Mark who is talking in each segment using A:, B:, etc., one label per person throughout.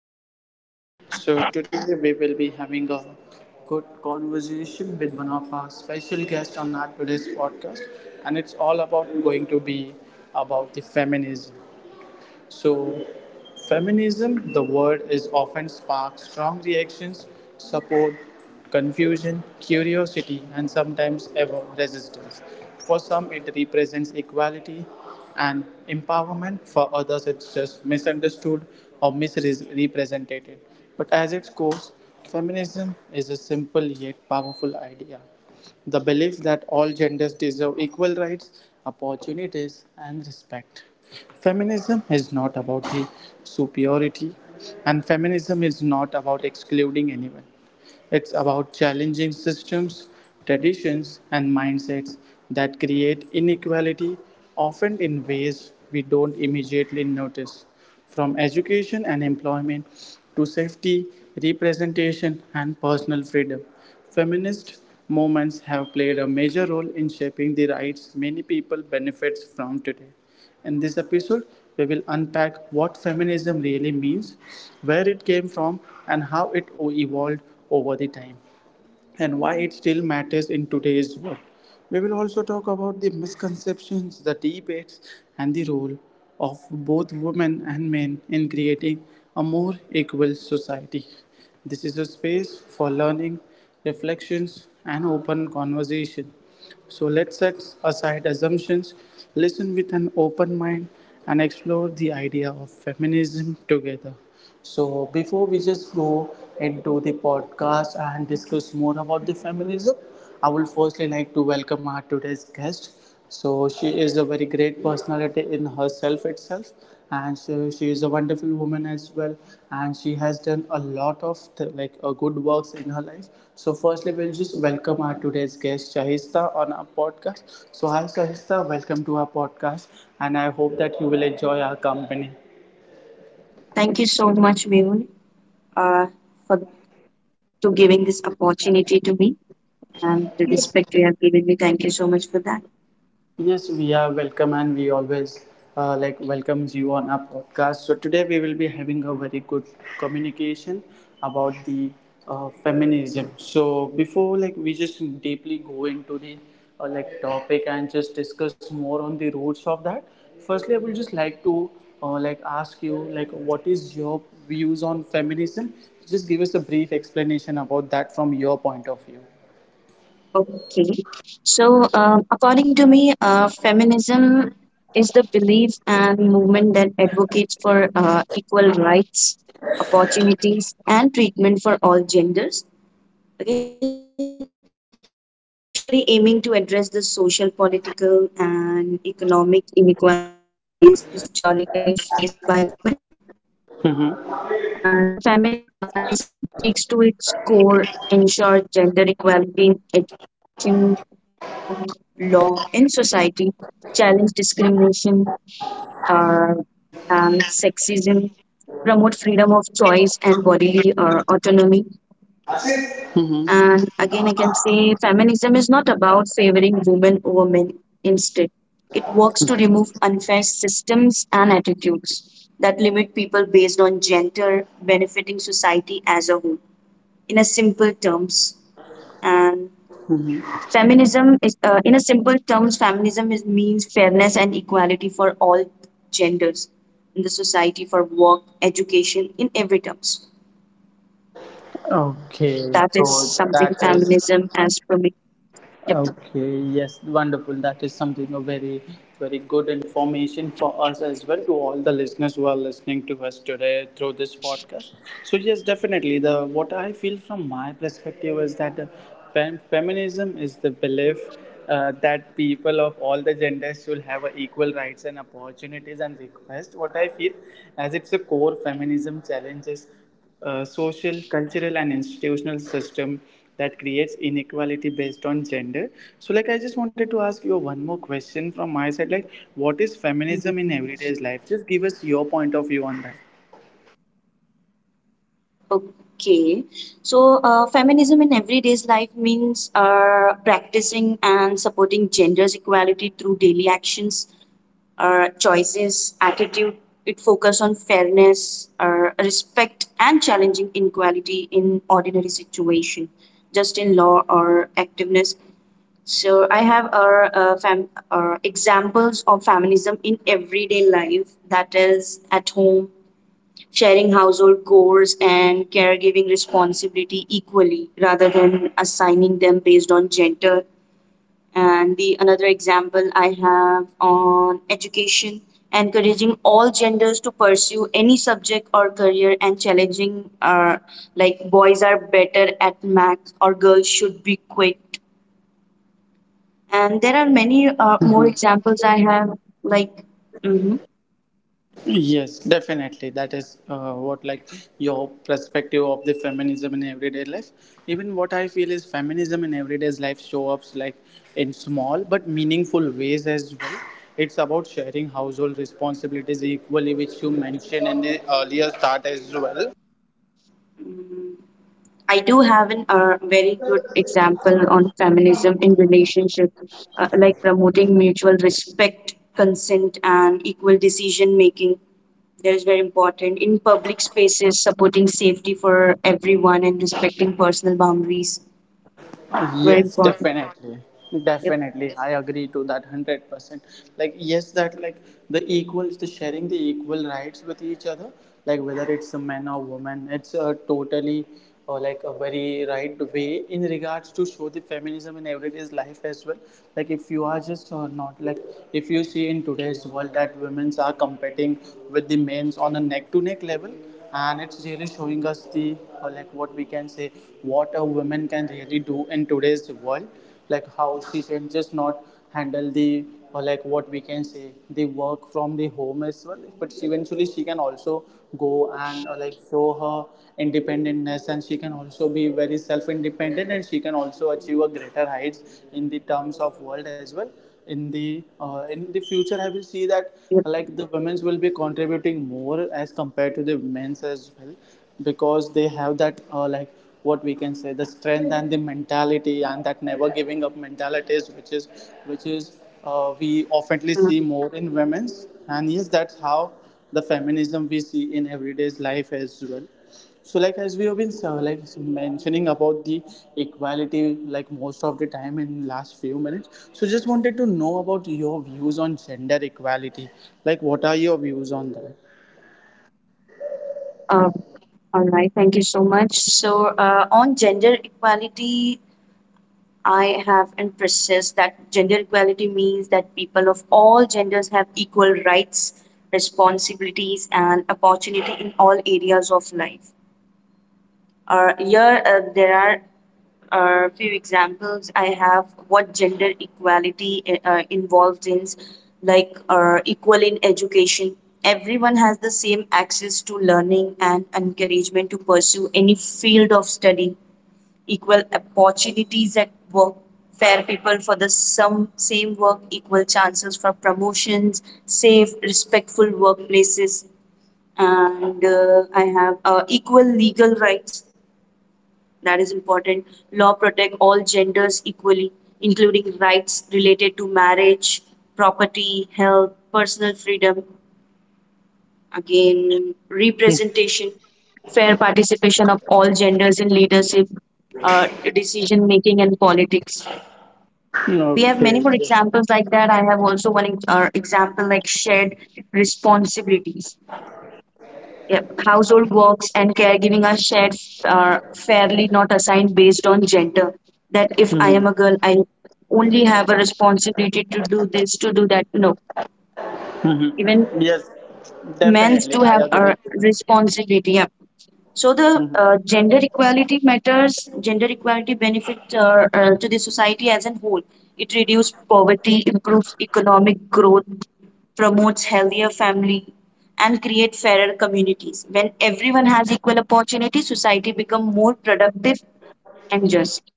A: podcast. So today we will be having a good conversation with one of our special guests on our today's podcast, and it's all about going to be about the feminism. So, feminism, the word is often sparks strong reactions, support, confusion, curiosity, and sometimes ever resistance. For some, it represents equality and empowerment, for others, it's just misunderstood or misrepresented. But as its course, feminism is a simple yet powerful idea the belief that all genders deserve equal rights, opportunities, and respect. Feminism is not about the superiority, and feminism is not about excluding anyone. It's about challenging systems, traditions, and mindsets that create inequality, often in ways we don't immediately notice from education and employment to safety, representation, and personal freedom. Feminist movements have played a major role in shaping the rights many people benefit from today. In this episode, we will unpack what feminism really means, where it came from, and how it evolved over the time and why it still matters in today's world. We will also talk about the misconceptions, the debates, and the role of both women and men in creating a more equal society. This is a space for learning, reflections, and open conversation. So let's set aside assumptions, listen with an open mind, and explore the idea of feminism together. So, before we just go into the podcast and discuss more about the feminism, I would firstly like to welcome our today's guest. So, she is a very great personality in herself itself, and so she is a wonderful woman as well. And she has done a lot of good works in her life. So, firstly, we'll just welcome our today's guest, Shahista, on our podcast. So, hi, Shahista, welcome to our podcast, and I hope that you will enjoy our company.
B: Thank you so much, Mehul, uh, for to giving this opportunity to me and the respect you have given me. Thank you so much for that.
A: Yes, we are welcome and we always welcomes you on our podcast. So today we will be having a very good communication about the feminism. So before like we just deeply go into the topic and just discuss more on the roots of that. Firstly, I would just like to ask you like what is your views on feminism? Just give us a brief explanation about that from your point of view.
B: Okay. So, according to me, feminism is the belief and movement that advocates for equal rights, opportunities, and treatment for all genders. Okay, especially aiming to address the social, political, and economic inequalities historically faced by women. And the feminism seeks to its core ensure gender equality in education, work, law, in society, challenge discrimination uh, and sexism, promote freedom of choice and bodily autonomy, and again, I can say feminism is not about favoring women over men. Instead, it works to remove unfair systems and attitudes that limit people based on gender, benefiting society as a whole. In a simple terms, and feminism is in a simple terms, feminism is means fairness and equality for all genders in the society for work, education, in every terms.
A: Okay,
B: That is
A: so that
B: something
A: is.
B: feminism as for me. Yep.
A: Okay, yes, wonderful. That is something a very, very good information for us as well to all the listeners who are listening to us today through this podcast. So yes, definitely. The what I feel from my perspective is that feminism is the belief that people of all the genders should have a equal rights and opportunities and request. What I feel as it's a core feminism challenges social, cultural, and institutional system that creates inequality based on gender. So, like, I just wanted to ask you one more question from my side. Like, what is feminism in everyday life? Just give us your point of view on that.
B: Okay, so feminism in everyday life means practicing and supporting genders equality through daily actions, choices, attitude. It focuses on fairness, respect, and challenging inequality in ordinary situation, just in law or activeness. So I have our examples of feminism in everyday life, that is at home sharing household chores and caregiving responsibility equally rather than assigning them based on gender. And the another example I have on education, encouraging all genders to pursue any subject or career and challenging like boys are better at math or girls should be quick. And there are many more examples I have like. Mhm.
A: Yes, definitely. That is what like your perspective of the feminism in everyday life. Even what I feel is feminism in everyday life show ups like in small but meaningful ways as well. It's about sharing household responsibilities equally, which you mentioned in the earlier start as well.
B: I do have an very good example on feminism in relationships, like promoting mutual respect, consent, and equal decision making. That is very important. In public spaces, supporting safety for everyone and respecting personal boundaries. Very
A: Yes,
B: important.
A: definitely.
B: Yep.
A: Definitely, I agree to that 100%. Like, yes, that like the equals the sharing the equal rights with each other, like whether it's a man or woman, it's a totally or like a very right way in regards to show the feminism in everyday's life as well. Like if you are just or not, like if you see in today's world that women's are competing with the men's on a neck to neck level, and it's really showing us the like what we can say what a woman can really do in today's world, like how she can just not handle the or like what we can say the work from the home as well, but eventually she can also go and show her independence, and she can also be very self independent and she can also achieve a greater heights in the terms of world as well. In the in the
B: Yep.
A: future I will see that like the women's will be contributing more as compared to the men's as well, because they have that what we can say the strength and the mentality and that never giving up mentalities which is we
B: Mm-hmm.
A: oftenly see more in women's, and yes, that's how the feminism we see in everyday's life as well. So like as we have been mentioning about the equality like most of the time in last few minutes, so just wanted to know about your views on gender equality. Like what are your views on that?
B: Um, uh, all right. Thank you so much. So, on gender equality, I have emphasized that gender equality means that people of all genders have equal rights, responsibilities, and opportunity in all areas of life. Here, there are a few examples I have what gender equality involved in, like equal in education. Everyone has the same access to learning and encouragement to pursue any field of study, equal opportunities at work, fair people for the some, same work, equal chances for promotions, safe, respectful workplaces, and I have equal legal rights. That is important. Law protect all genders equally, including rights related to marriage, property, health, personal freedom, again representation, fair participation of all genders in leadership, uh, decision making and politics. We have
A: Okay,
B: many more
A: yes.
B: examples like that. I have also one example like shared responsibilities. Yep. Household works and caregiving are shared fairly, not assigned based on gender. That if I am a girl I only have a responsibility to do this to do that. No, even
A: Yes,
B: men
A: definitely,
B: do
A: I
B: have a
A: agree to that.
B: responsibility. Yeah. So the gender equality matters. Gender equality benefits to the society as a whole. It reduces poverty, improves economic growth, promotes healthier family, and create fairer communities. When everyone has equal opportunity, society become more productive and just.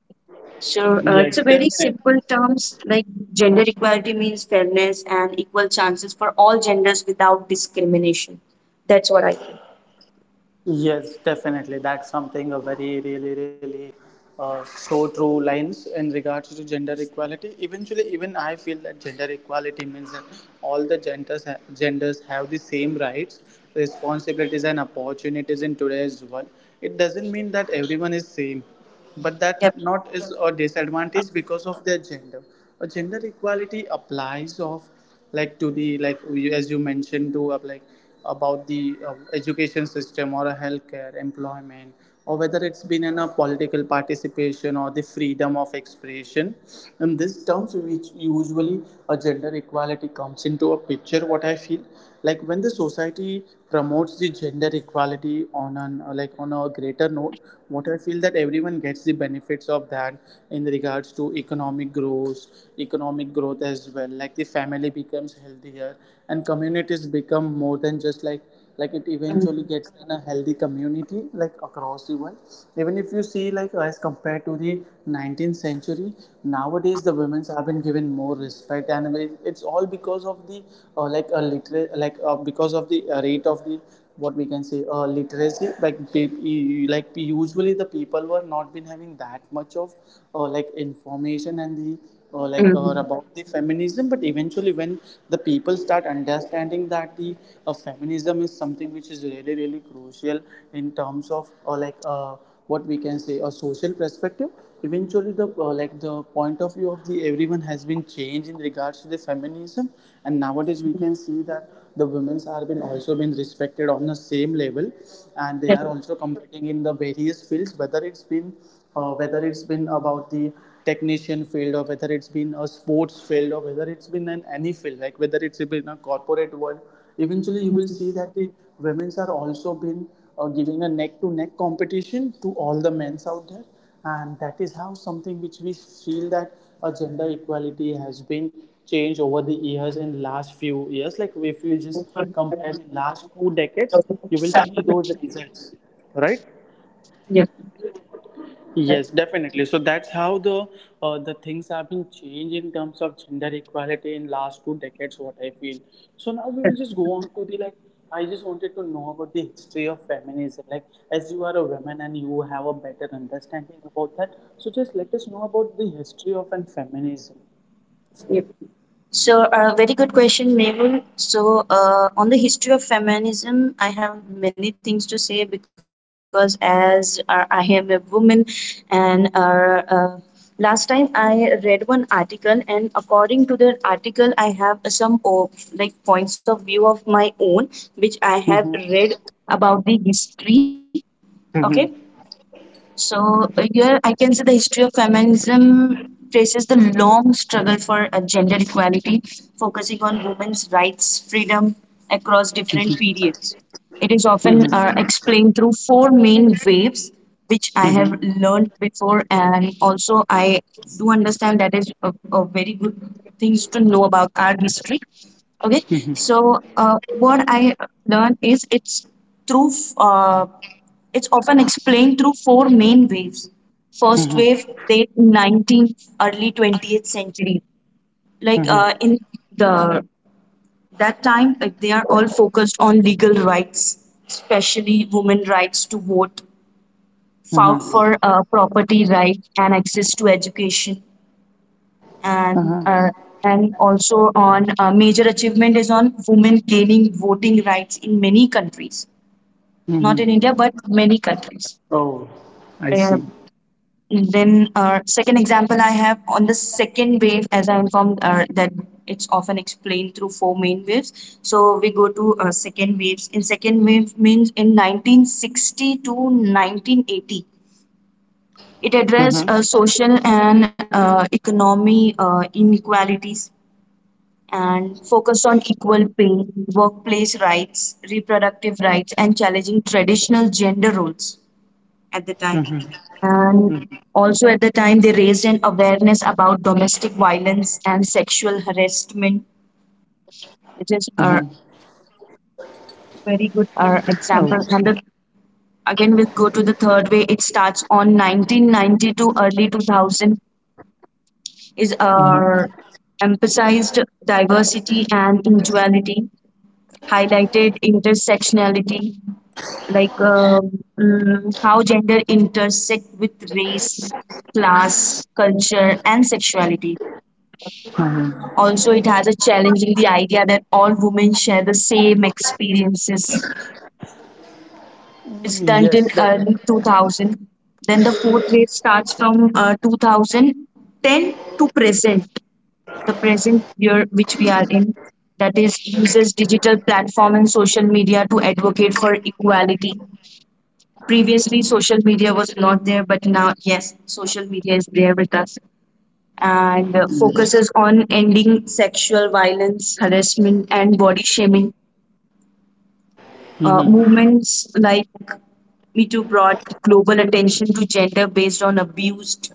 B: So it's a
A: Yes,
B: very
A: definitely.
B: simple terms like gender equality means fairness and equal chances for all genders without discrimination. That's what I think.
A: Yes, definitely. That's something a very, really, really so true lines in regards to gender equality. Eventually, even I feel that gender equality means that all the genders have the same rights, responsibilities, and opportunities in today's world. It doesn't mean that everyone is same but that
B: Yep.
A: not is a disadvantage because of their gender. A gender equality applies of like to the as you mentioned to about the education system or a healthcare employment or whether it's been in a political participation or the freedom of expression, in these terms which usually a gender equality comes into a picture what I feel. Like when the society promotes the gender equality on an on a greater note, what I feel that that everyone gets the benefits of that in regards to economic growth as well, like the family becomes healthier and communities become more than just like it eventually
B: Mm-hmm.
A: gets in a healthy community like across the world. Even if you see like as compared to the 19th century, nowadays the women's have been given more respect, and it's all because of the like a liter- like because of the rate of the what we can say literacy, like like usually the people were not been having that much of information and the
B: Mm-hmm.
A: about the feminism. But eventually when the people start understanding that the feminism is something which is really really crucial in terms of what we can say a social perspective, eventually the the point of view of the everyone has been changed in regards to the feminism, and nowadays we
B: Yes.
A: can see that the women's are been also been respected on the same level, and they
B: Yes.
A: are also competing in the various fields whether it's been about the technician field or whether it's been a sports field or whether it's been an any field, like whether it's been a corporate world. Eventually, you will see that the women's are also been giving a neck-to-neck competition to all the men's out there, and that is how something which we feel that a gender equality has been changed over the years in last few years. Like if you just compare the last two decades, you will see those results, right? Yes, definitely. So that's how the things have been changed in terms of gender equality in last two decades. What I feel. So now we will just go on to the like. I just wanted to know about the history of feminism. Like, as you are a woman and you have a better understanding about that, so just let us know about the history of an feminism.
B: Yep. So, very good question, Mabel. So, on the history of feminism, I have many things to say because as I am a woman, and uh, last time I read one article, and according to the article, I have some like points of view of my own, which I have read
A: Mm-hmm.
B: about the history. Okay.
A: Mm-hmm.
B: So here I can say the history of feminism traces the long struggle for gender equality, focusing on women's rights, freedom across different periods. It is often
A: Mm-hmm.
B: explained through four main waves, which I have learned before, and also I do understand that is a very good things to know about our history. Okay,
A: Mm-hmm. Mm-hmm.
B: so what I learned is through uh, it's often explained through four main waves. First
A: Mm-hmm.
B: wave, late 19th, early 20th century. Like
A: Mm-hmm.
B: in the that time, like they are all focused on legal rights, especially women rights to vote, fought for property rights and access to education, and uh,
A: Mm-hmm.
B: and also on major achievement is on women gaining voting rights in many countries, not
A: Mm-hmm.
B: in India but many countries.
A: Oh, I
B: Yeah.
A: see.
B: Then, second example I have on the second wave, as I informed, that it's often explained through four main waves. So we go to second waves. In second wave means in 1960 to 1980, it addressed
A: Mm-hmm.
B: social and economy inequalities and focused on equal pay, workplace rights, reproductive rights, and challenging traditional gender roles at the time.
A: Mm-hmm.
B: And also at the time, they raised an awareness about domestic violence and sexual harassment,
A: Mm-hmm.
B: which is a very good
A: Oh.
B: example. And again, we'll go to the third way. It starts on 1990 to early 2000, is emphasized diversity and individuality, highlighted intersectionality, like how gender intersect with race, class, culture, and sexuality. Also it has a challenging the idea that all women share the same experiences. It's done till
A: Yes,
B: early
A: definitely.
B: 2000. Then the fourth wave starts from 2010 to present, the present year which we are in, that is uses digital platform and social media to advocate for equality. Previously, social media was not there, but now, yes, social media is there with us and focuses on ending sexual violence, harassment, and body shaming. Uh,
A: Hmm.
B: movements like Me Too brought global attention to gender based on abused.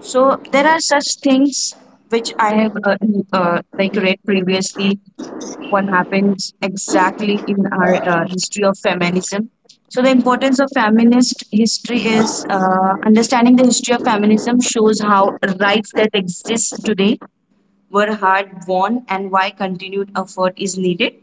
B: So there are such things which I have like read previously what happened exactly in our history of feminism. So, the importance of feminist history is understanding the history of feminism shows how rights that exist today were hard won and why continued effort is needed.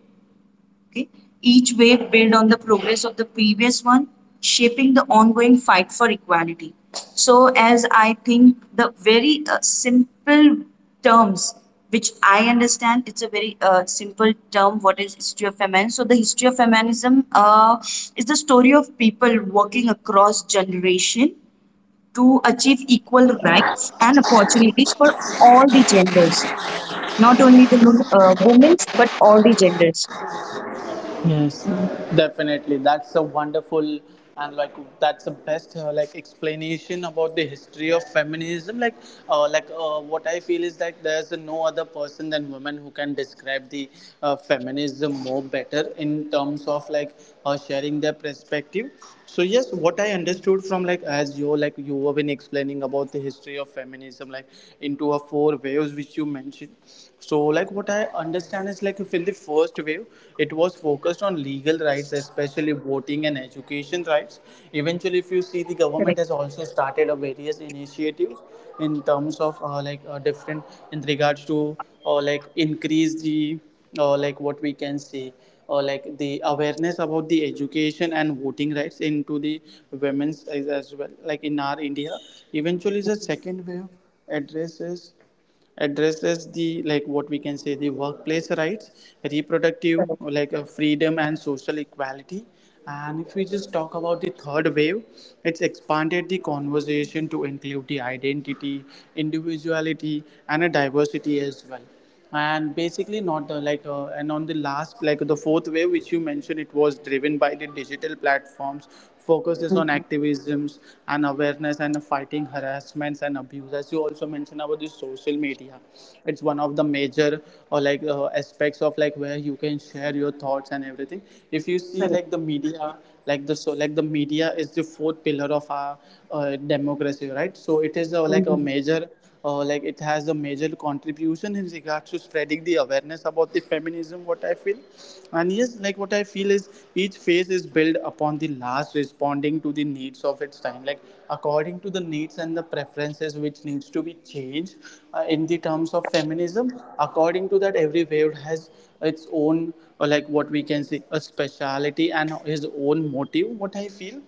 B: Okay? Each wave built on the progress of the previous one, shaping the ongoing fight for equality. So, as I think the very simple terms which I understand, it's a very simple term. What is history of feminism? So, the history of feminism is the story of people working across generation to achieve equal rights and opportunities for all the genders, not only the women's but all the genders.
A: Yes, definitely. That's a wonderful and like that's the best explanation about the history of feminism. Like, what I feel is that there's no other person than women who can describe the feminism more better in terms of like sharing their perspective. So yes, what I understood from like as you like you have been explaining about the history of feminism, like into a four waves which you mentioned, so like what I understand is like if in the first wave it was focused on legal rights, especially voting and education rights. Eventually, if you see, the government
B: Correct.
A: has also started a various initiatives in terms of different, in regards to like increase the, like what we can say or like the awareness about the education and voting rights into the women's as well, like in our India. Eventually the second wave addresses, addresses the, like what we can say, the workplace rights,
B: Correct.
A: reproductive, like freedom and social equality. And if we just talk about the third wave, it's expanded the conversation to include the identity, individuality, and a diversity as well. And basically not the like and on the last, like the fourth wave which you mentioned, it was driven by the digital platforms, focuses on
B: Mhm.
A: activisms and awareness and fighting harassments and abuse, as you also mentioned about the social media. It's one of the major or like aspects of like where you can share your thoughts and everything. If you see
B: Correct.
A: like the media, like the media is the fourth pillar of our democracy, right? So it is like a
B: Mhm.
A: major, like it has a major contribution in regards to spreading the awareness about the feminism, what I feel. And yes, like what I feel is each phase is built upon the last, responding to the needs of its time, like according to the needs and the preferences which needs to be changed in the terms of feminism. According to that, every wave has its own or like what we can say a speciality and his own motive, what I feel.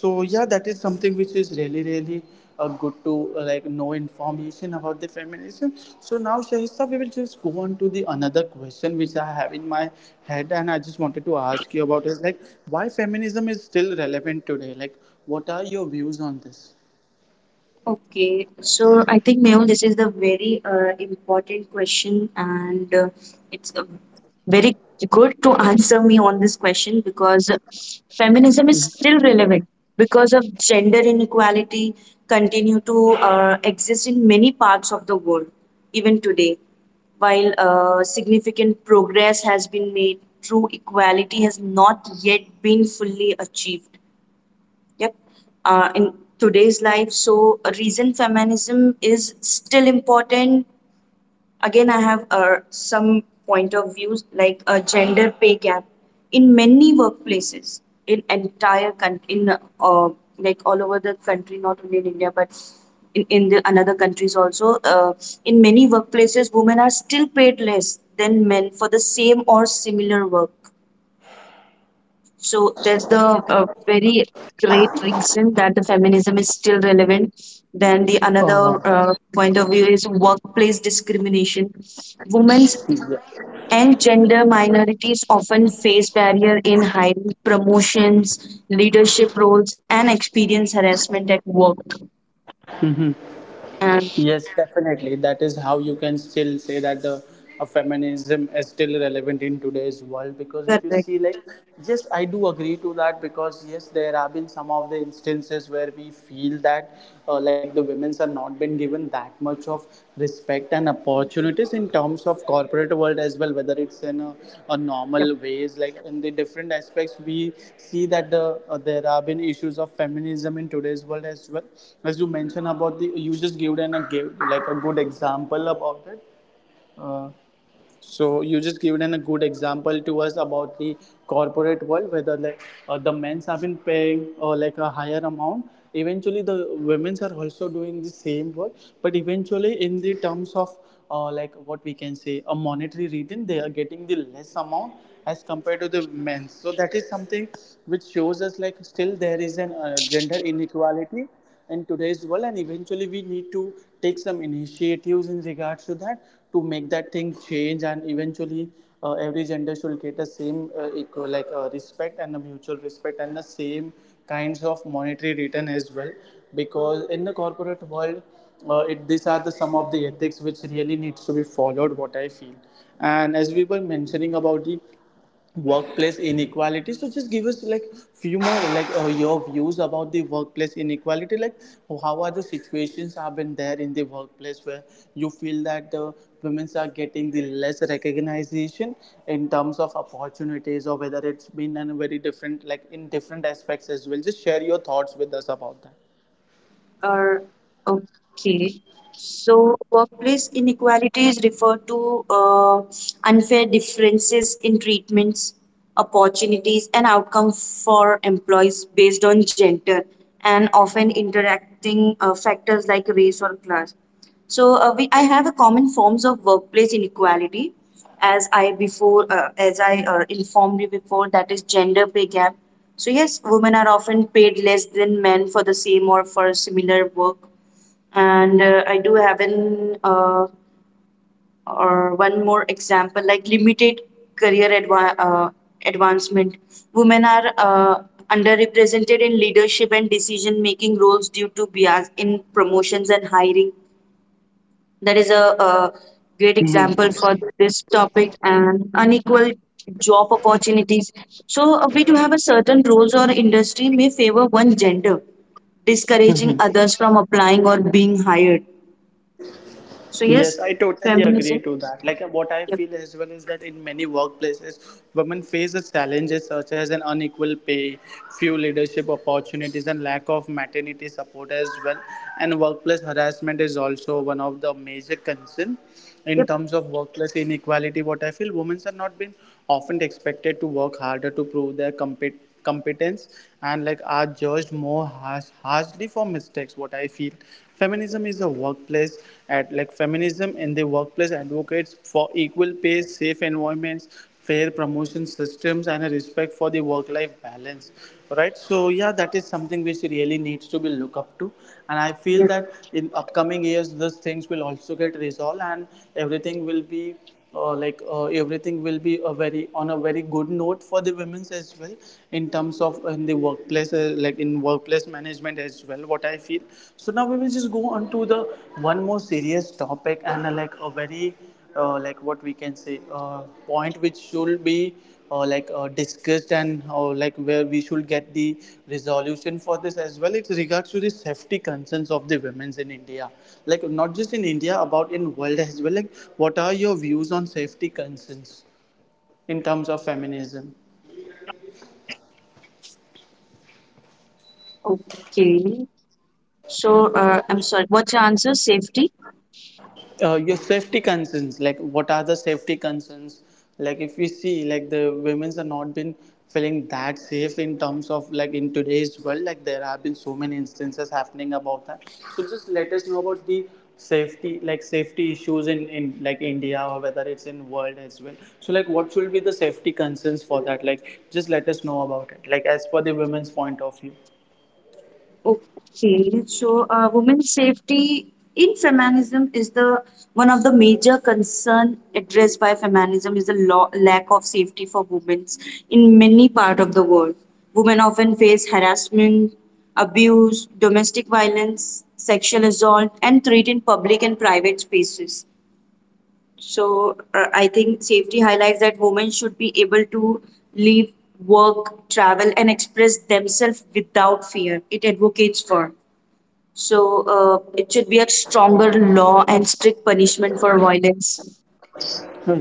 A: So yeah, that is something which is really really good to like know information about the feminism. So now Shahista, we will just go on to the another question which I have in my head, and I just wanted to ask you about is like why feminism is still relevant today, like what are your views on this?
B: Okay, so I think Meo, this is the very important question, and it's very good to answer me on this question because feminism is still relevant because of gender inequality continue to exist in many parts of the world even today. While significant progress has been made, true equality has not yet been fully achieved. Yep. In today's life, so a reason feminism is still important. Again, I have some point of views like a gender pay gap in many workplaces in entire country in like all over the country, not only in India but in the another countries also. In many workplaces, women are still paid less than men for the same or similar work. So that's the very great reason that the feminism is still relevant. Then the another point of view is workplace discrimination. Women's
A: Yeah.
B: and gender minorities often face barrier in hiring, promotions, leadership roles, and experience harassment at work. And
A: Yes, definitely. That is how you can still say that the feminism is still relevant in today's world, because if
B: correct.
A: you
B: Yep.
A: see, like, yes, I do agree to that because yes, there have been some of the instances where we feel that like the women's are not been given that much of respect and opportunities in terms of corporate world as well, whether it's in a normal ways like in the different aspects, we see that the there have been issues of feminism in today's world as well, as you mentioned about the, you just gave and a gave like a good example about it. uh, so you just given an, a good example to us about the corporate world, whether like the men's have been paying or like a higher amount. Eventually, the women's are also doing the same work, but eventually, in the terms of like what we can say a monetary reason, they are getting the less amount as compared to the men's. So that is something which shows us like still there is an gender inequality in today's world, and eventually we need to take some initiatives in regards to that to make that thing change, and eventually every gender should get the same equal like respect and the mutual respect and the same kinds of monetary return as well, because in the corporate world it, these are the some of the ethics which really needs to be followed, what I feel. And as we were mentioning about the workplace inequality, so just give us like few more like your views about the workplace inequality, like how are the situations have been there in the workplace where you feel that the women are getting the less recognition in terms of opportunities, or whether it's been in a very different, like in different aspects as well. Just share your thoughts with us about that.
B: Or okay. So, workplace inequalities refer to unfair differences in treatments, opportunities, and outcomes for employees based on gender and often interacting factors like race or class. So, I have a common forms of workplace inequality, as as I informed you before, that is gender pay gap, so yes, women are often paid less than men for the same or for similar work. And I do have an or one more example like limited career advancement. Women are underrepresented in leadership and decision making roles due to bias in promotions and hiring. That is a great example for this topic and unequal job opportunities. So, we do have a certain roles or industry may favor one gender, discouraging others from applying or being hired. So,
A: Yes,
B: yes,
A: I totally
B: feminism.
A: agree to that. Like what I
B: Yep,
A: feel as well is that in many workplaces, women face the challenges such as an unequal pay, few leadership opportunities, and lack of maternity support as well. And workplace harassment is also one of the major concerns in
B: yep,
A: terms of workplace inequality, what I feel. Women are not been often expected to work harder to prove their competence, and like are judged more harshly for mistakes, what I feel. Feminism is a workplace at like Feminism in the workplace advocates for equal pay, safe environments, fair promotion systems, and a respect for the work life balance, right? So yeah, that is something which really needs to be looked up to, and I feel
B: yep.
A: that in upcoming years those things will also get resolved, and everything will be everything will be a very on a very good note for the women's as well in terms of in the workplace, like in workplace management as well, what I feel. So now we will just go on to the one more serious topic, and like a very, like what we can say, point which should be discussed, and like where we should get the resolution for this as well. It's regards to the safety concerns of the women's in India, like not just in India about in world as well. Like what are your views on safety concerns in terms of feminism?
B: Okay. So, I'm sorry. What's your answer? Safety?
A: Your safety concerns, like what are the safety concerns, like if we see like the women's are not been feeling that safe in terms of like in today's world, like there have been so many instances happening about that. So just let us know about the safety, like safety issues in like India or whether it's in world as well. So like what should be the safety concerns for that, like just let us know about it, like as per the women's point of view.
B: Okay, so women's safety in feminism is the one of the major concern addressed by feminism is the law, lack of safety for women in many part of the world. Women often face harassment, abuse, domestic violence, sexual assault, and threat in public and private spaces. So I think safety highlights that women should be able to live, work, travel, and express themselves without fear. It advocates for. So it should be a stronger law and strict punishment for violence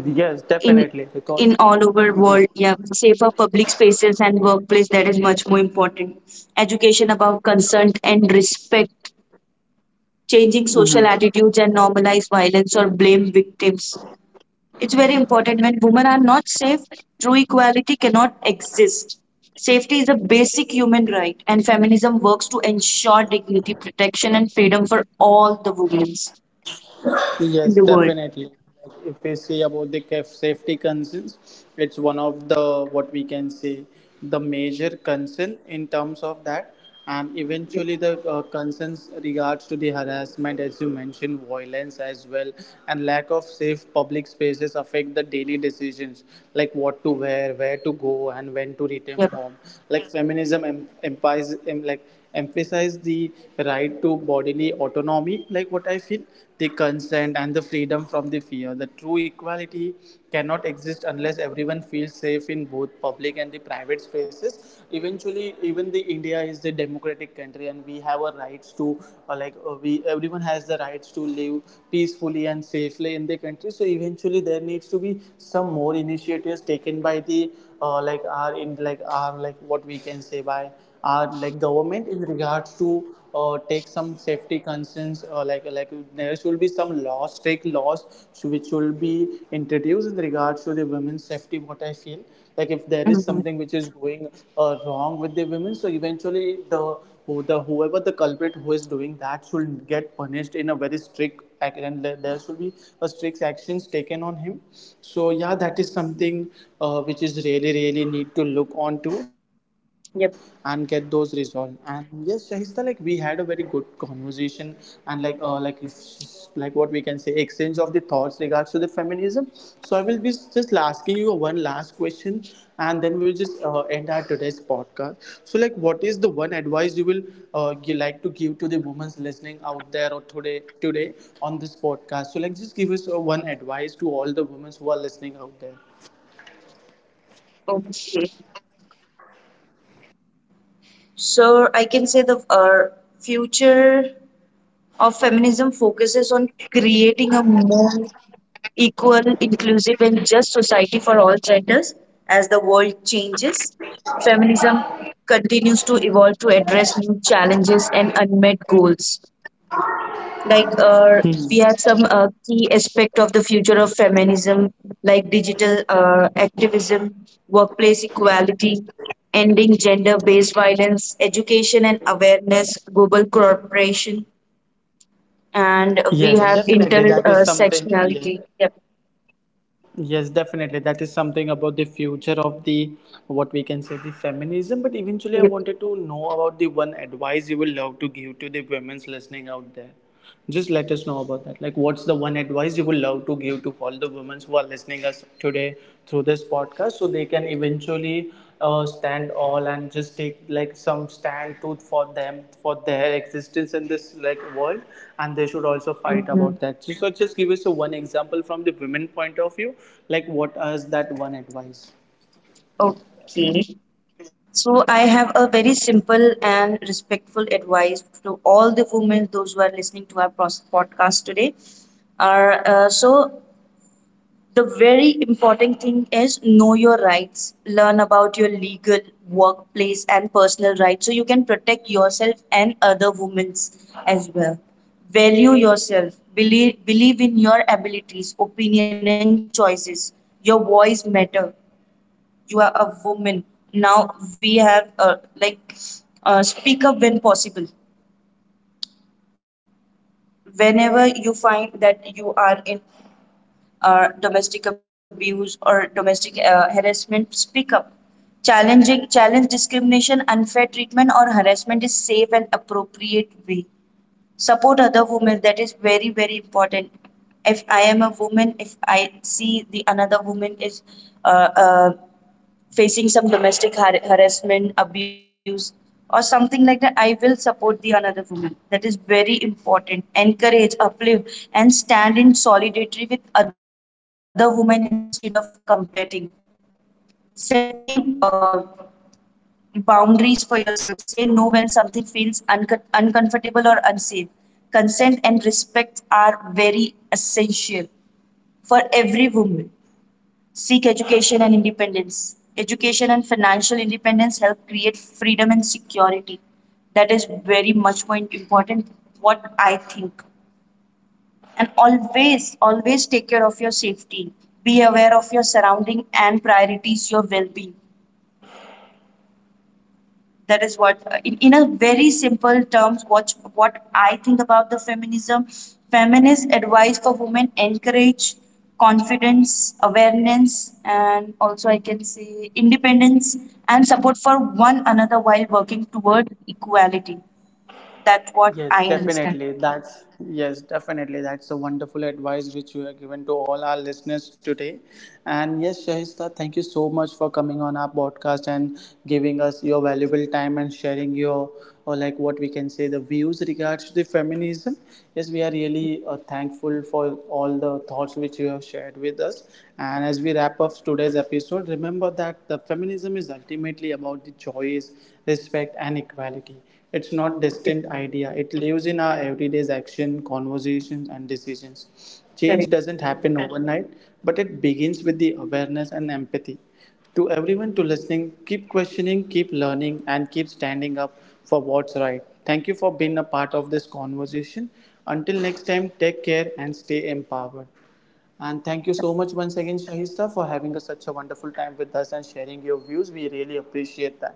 A: Yes,
B: in
A: definitely, because
B: all over world. Yeah, safer public spaces and workplace, that is much more important. Education about consent and respect, changing social attitudes and normalize violence or blame victims. It's very important when women are not safe, true equality cannot exist. Safety is a basic human right, and feminism works to ensure dignity, protection, and freedom for all the women in
A: Yes,
B: the world.
A: definitely. Like if we say about the safety concerns, it's one of the what we can say the major concern in terms of that, and
B: Yep.
A: eventually the concerns regards to the harassment, as you mentioned, violence as well, and lack of safe public spaces affect the daily decisions like what to wear, where to go, and when to return
B: Yep.
A: home. Like feminism em- empires, em- like emphasize the right to bodily autonomy, like what I feel, the consent and the freedom from the fear. The true equality cannot exist unless everyone feels safe in both public and the private spaces. Eventually, even the India is the democratic country, and we have a rights to like we everyone has the rights to live peacefully and safely in the country. So eventually, there needs to be some more initiatives taken by the like our in like our like what we can say by are like government in regards to take some safety concerns, like there should be some laws, strict laws, so which will be introduced in regards to the women's safety, what I feel. Like if there is
B: Mhm.
A: something which is going wrong with the women, so eventually the whoever the culprit who is doing that should get punished in a very strict and there should be a strict actions taken on him. So yeah, that is something which is really really need to look on to and get those
B: Yep.
A: resolved. And yes, Shahista, like we had a very good conversation and like like what we can say exchange of the thoughts regards to the feminism. So I will be just asking you one last question, and then we will just end our today's podcast. So like, what is the one advice you will you like to give to the women listening out there or today on this podcast? So like, just give us one advice to all the women who are listening out there.
B: Okay. So I can say the future of feminism focuses on creating a more equal, inclusive, and just society for all genders. As the world changes, feminism continues to evolve to address new challenges and unmet goals. Like
A: Hmm.
B: we have some key aspect of the future of feminism, like digital activism, workplace equality, ending gender-based violence, education and awareness, global cooperation, and we
A: Yes,
B: have
A: definitely. That is something. Yeah.
B: intersectionality. Yep.
A: Yes, definitely. That is something about the future of the what we can say the feminism. But eventually, I
B: Yep.
A: wanted to know about the one advice you will love to give to the women's listening out there. Just let us know about that, like what's the one advice you would love to give to all the women who are listening us today through this podcast, so they can eventually stand all and just take like some stand to for them for their existence in this like world, and they should also fight
B: Mhm.
A: about that. So, so just give us a one example from the women point of view, like what is that one advice?
B: Okay. So I have a very simple and respectful advice to all the women, those who are listening to our podcast today. Are so the very important thing is know your rights, learn about your legal, workplace, and personal rights, so you can protect yourself and other women's as well. Value yourself. Believe in your abilities, opinion, and choices. Your voice matter, you are a woman. Now we have speak up when possible. Whenever you find that you are in domestic abuse or domestic harassment, speak up. Challenging challenge discrimination, unfair treatment, or harassment is safe and appropriate way. Support other women. That is very very important. If I am a woman, if I see the another woman is uh, uh, facing some domestic harassment, abuse, or something like that, I will support the another woman. That is very important. Encourage, uplift, and stand in solidarity with other women instead of competing. Set the boundaries for yourself. Say no when something feels uncon uncomfortable or unsafe. Consent and respect are very essential for every woman. Seek education and independence. Education and financial independence help create freedom and security. That is very much more important, what I think. And always, always take care of your safety. Be aware of your surrounding and prioritize your well being. That is what in a very simple terms what I think about the feminism. Feminist advice for women encourage confidence, awareness, and also I can say independence and support for one another while working toward equality. That's what
A: Yes,
B: I understand.
A: definitely. That's a wonderful advice which you have given to all our listeners today. And yes, Shahista, thank you so much for coming on our podcast and giving us your valuable time and sharing your or like what we can say the views regards to the feminism. Yes, we are really thankful for all the thoughts which you have shared with us. And as we wrap up today's episode, remember that the feminism is ultimately about the choice, respect, and equality. It's not distinct idea. It lives in our everyday's action, conversations and decisions. Change
B: Correct.
A: doesn't happen overnight, but it begins with the awareness and empathy. To everyone to listening, keep questioning, keep learning and keep standing up for what's right. Thank you for being a part of this conversation. Until next time, take care and stay empowered. And thank you so much once again, Shahista, for having a, such a wonderful time with us and sharing your views. We really appreciate that.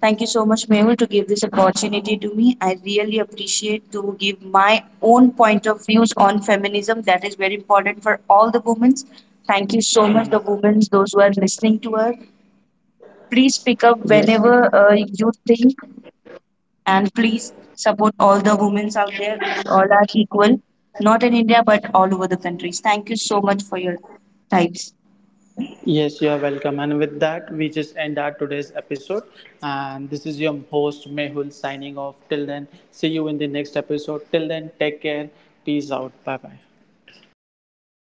B: Thank you so much, Mehul, to give this opportunity to me. I really appreciate to give my own point of views on feminism. That is very important for all the women. Thank you so much, the women, those who are listening to us. Please pick up
A: Yes.
B: whenever you think, and please support all the women out there. We all are equal, not in India, but all over the countries. Thank you so much for your types.
A: Yes, you are welcome. And with that, we just end our today's episode. And this is your host, Mehul, signing off. Till then, see you in the next episode. Till then, take care. Peace out. Bye bye.
B: You too. Bye.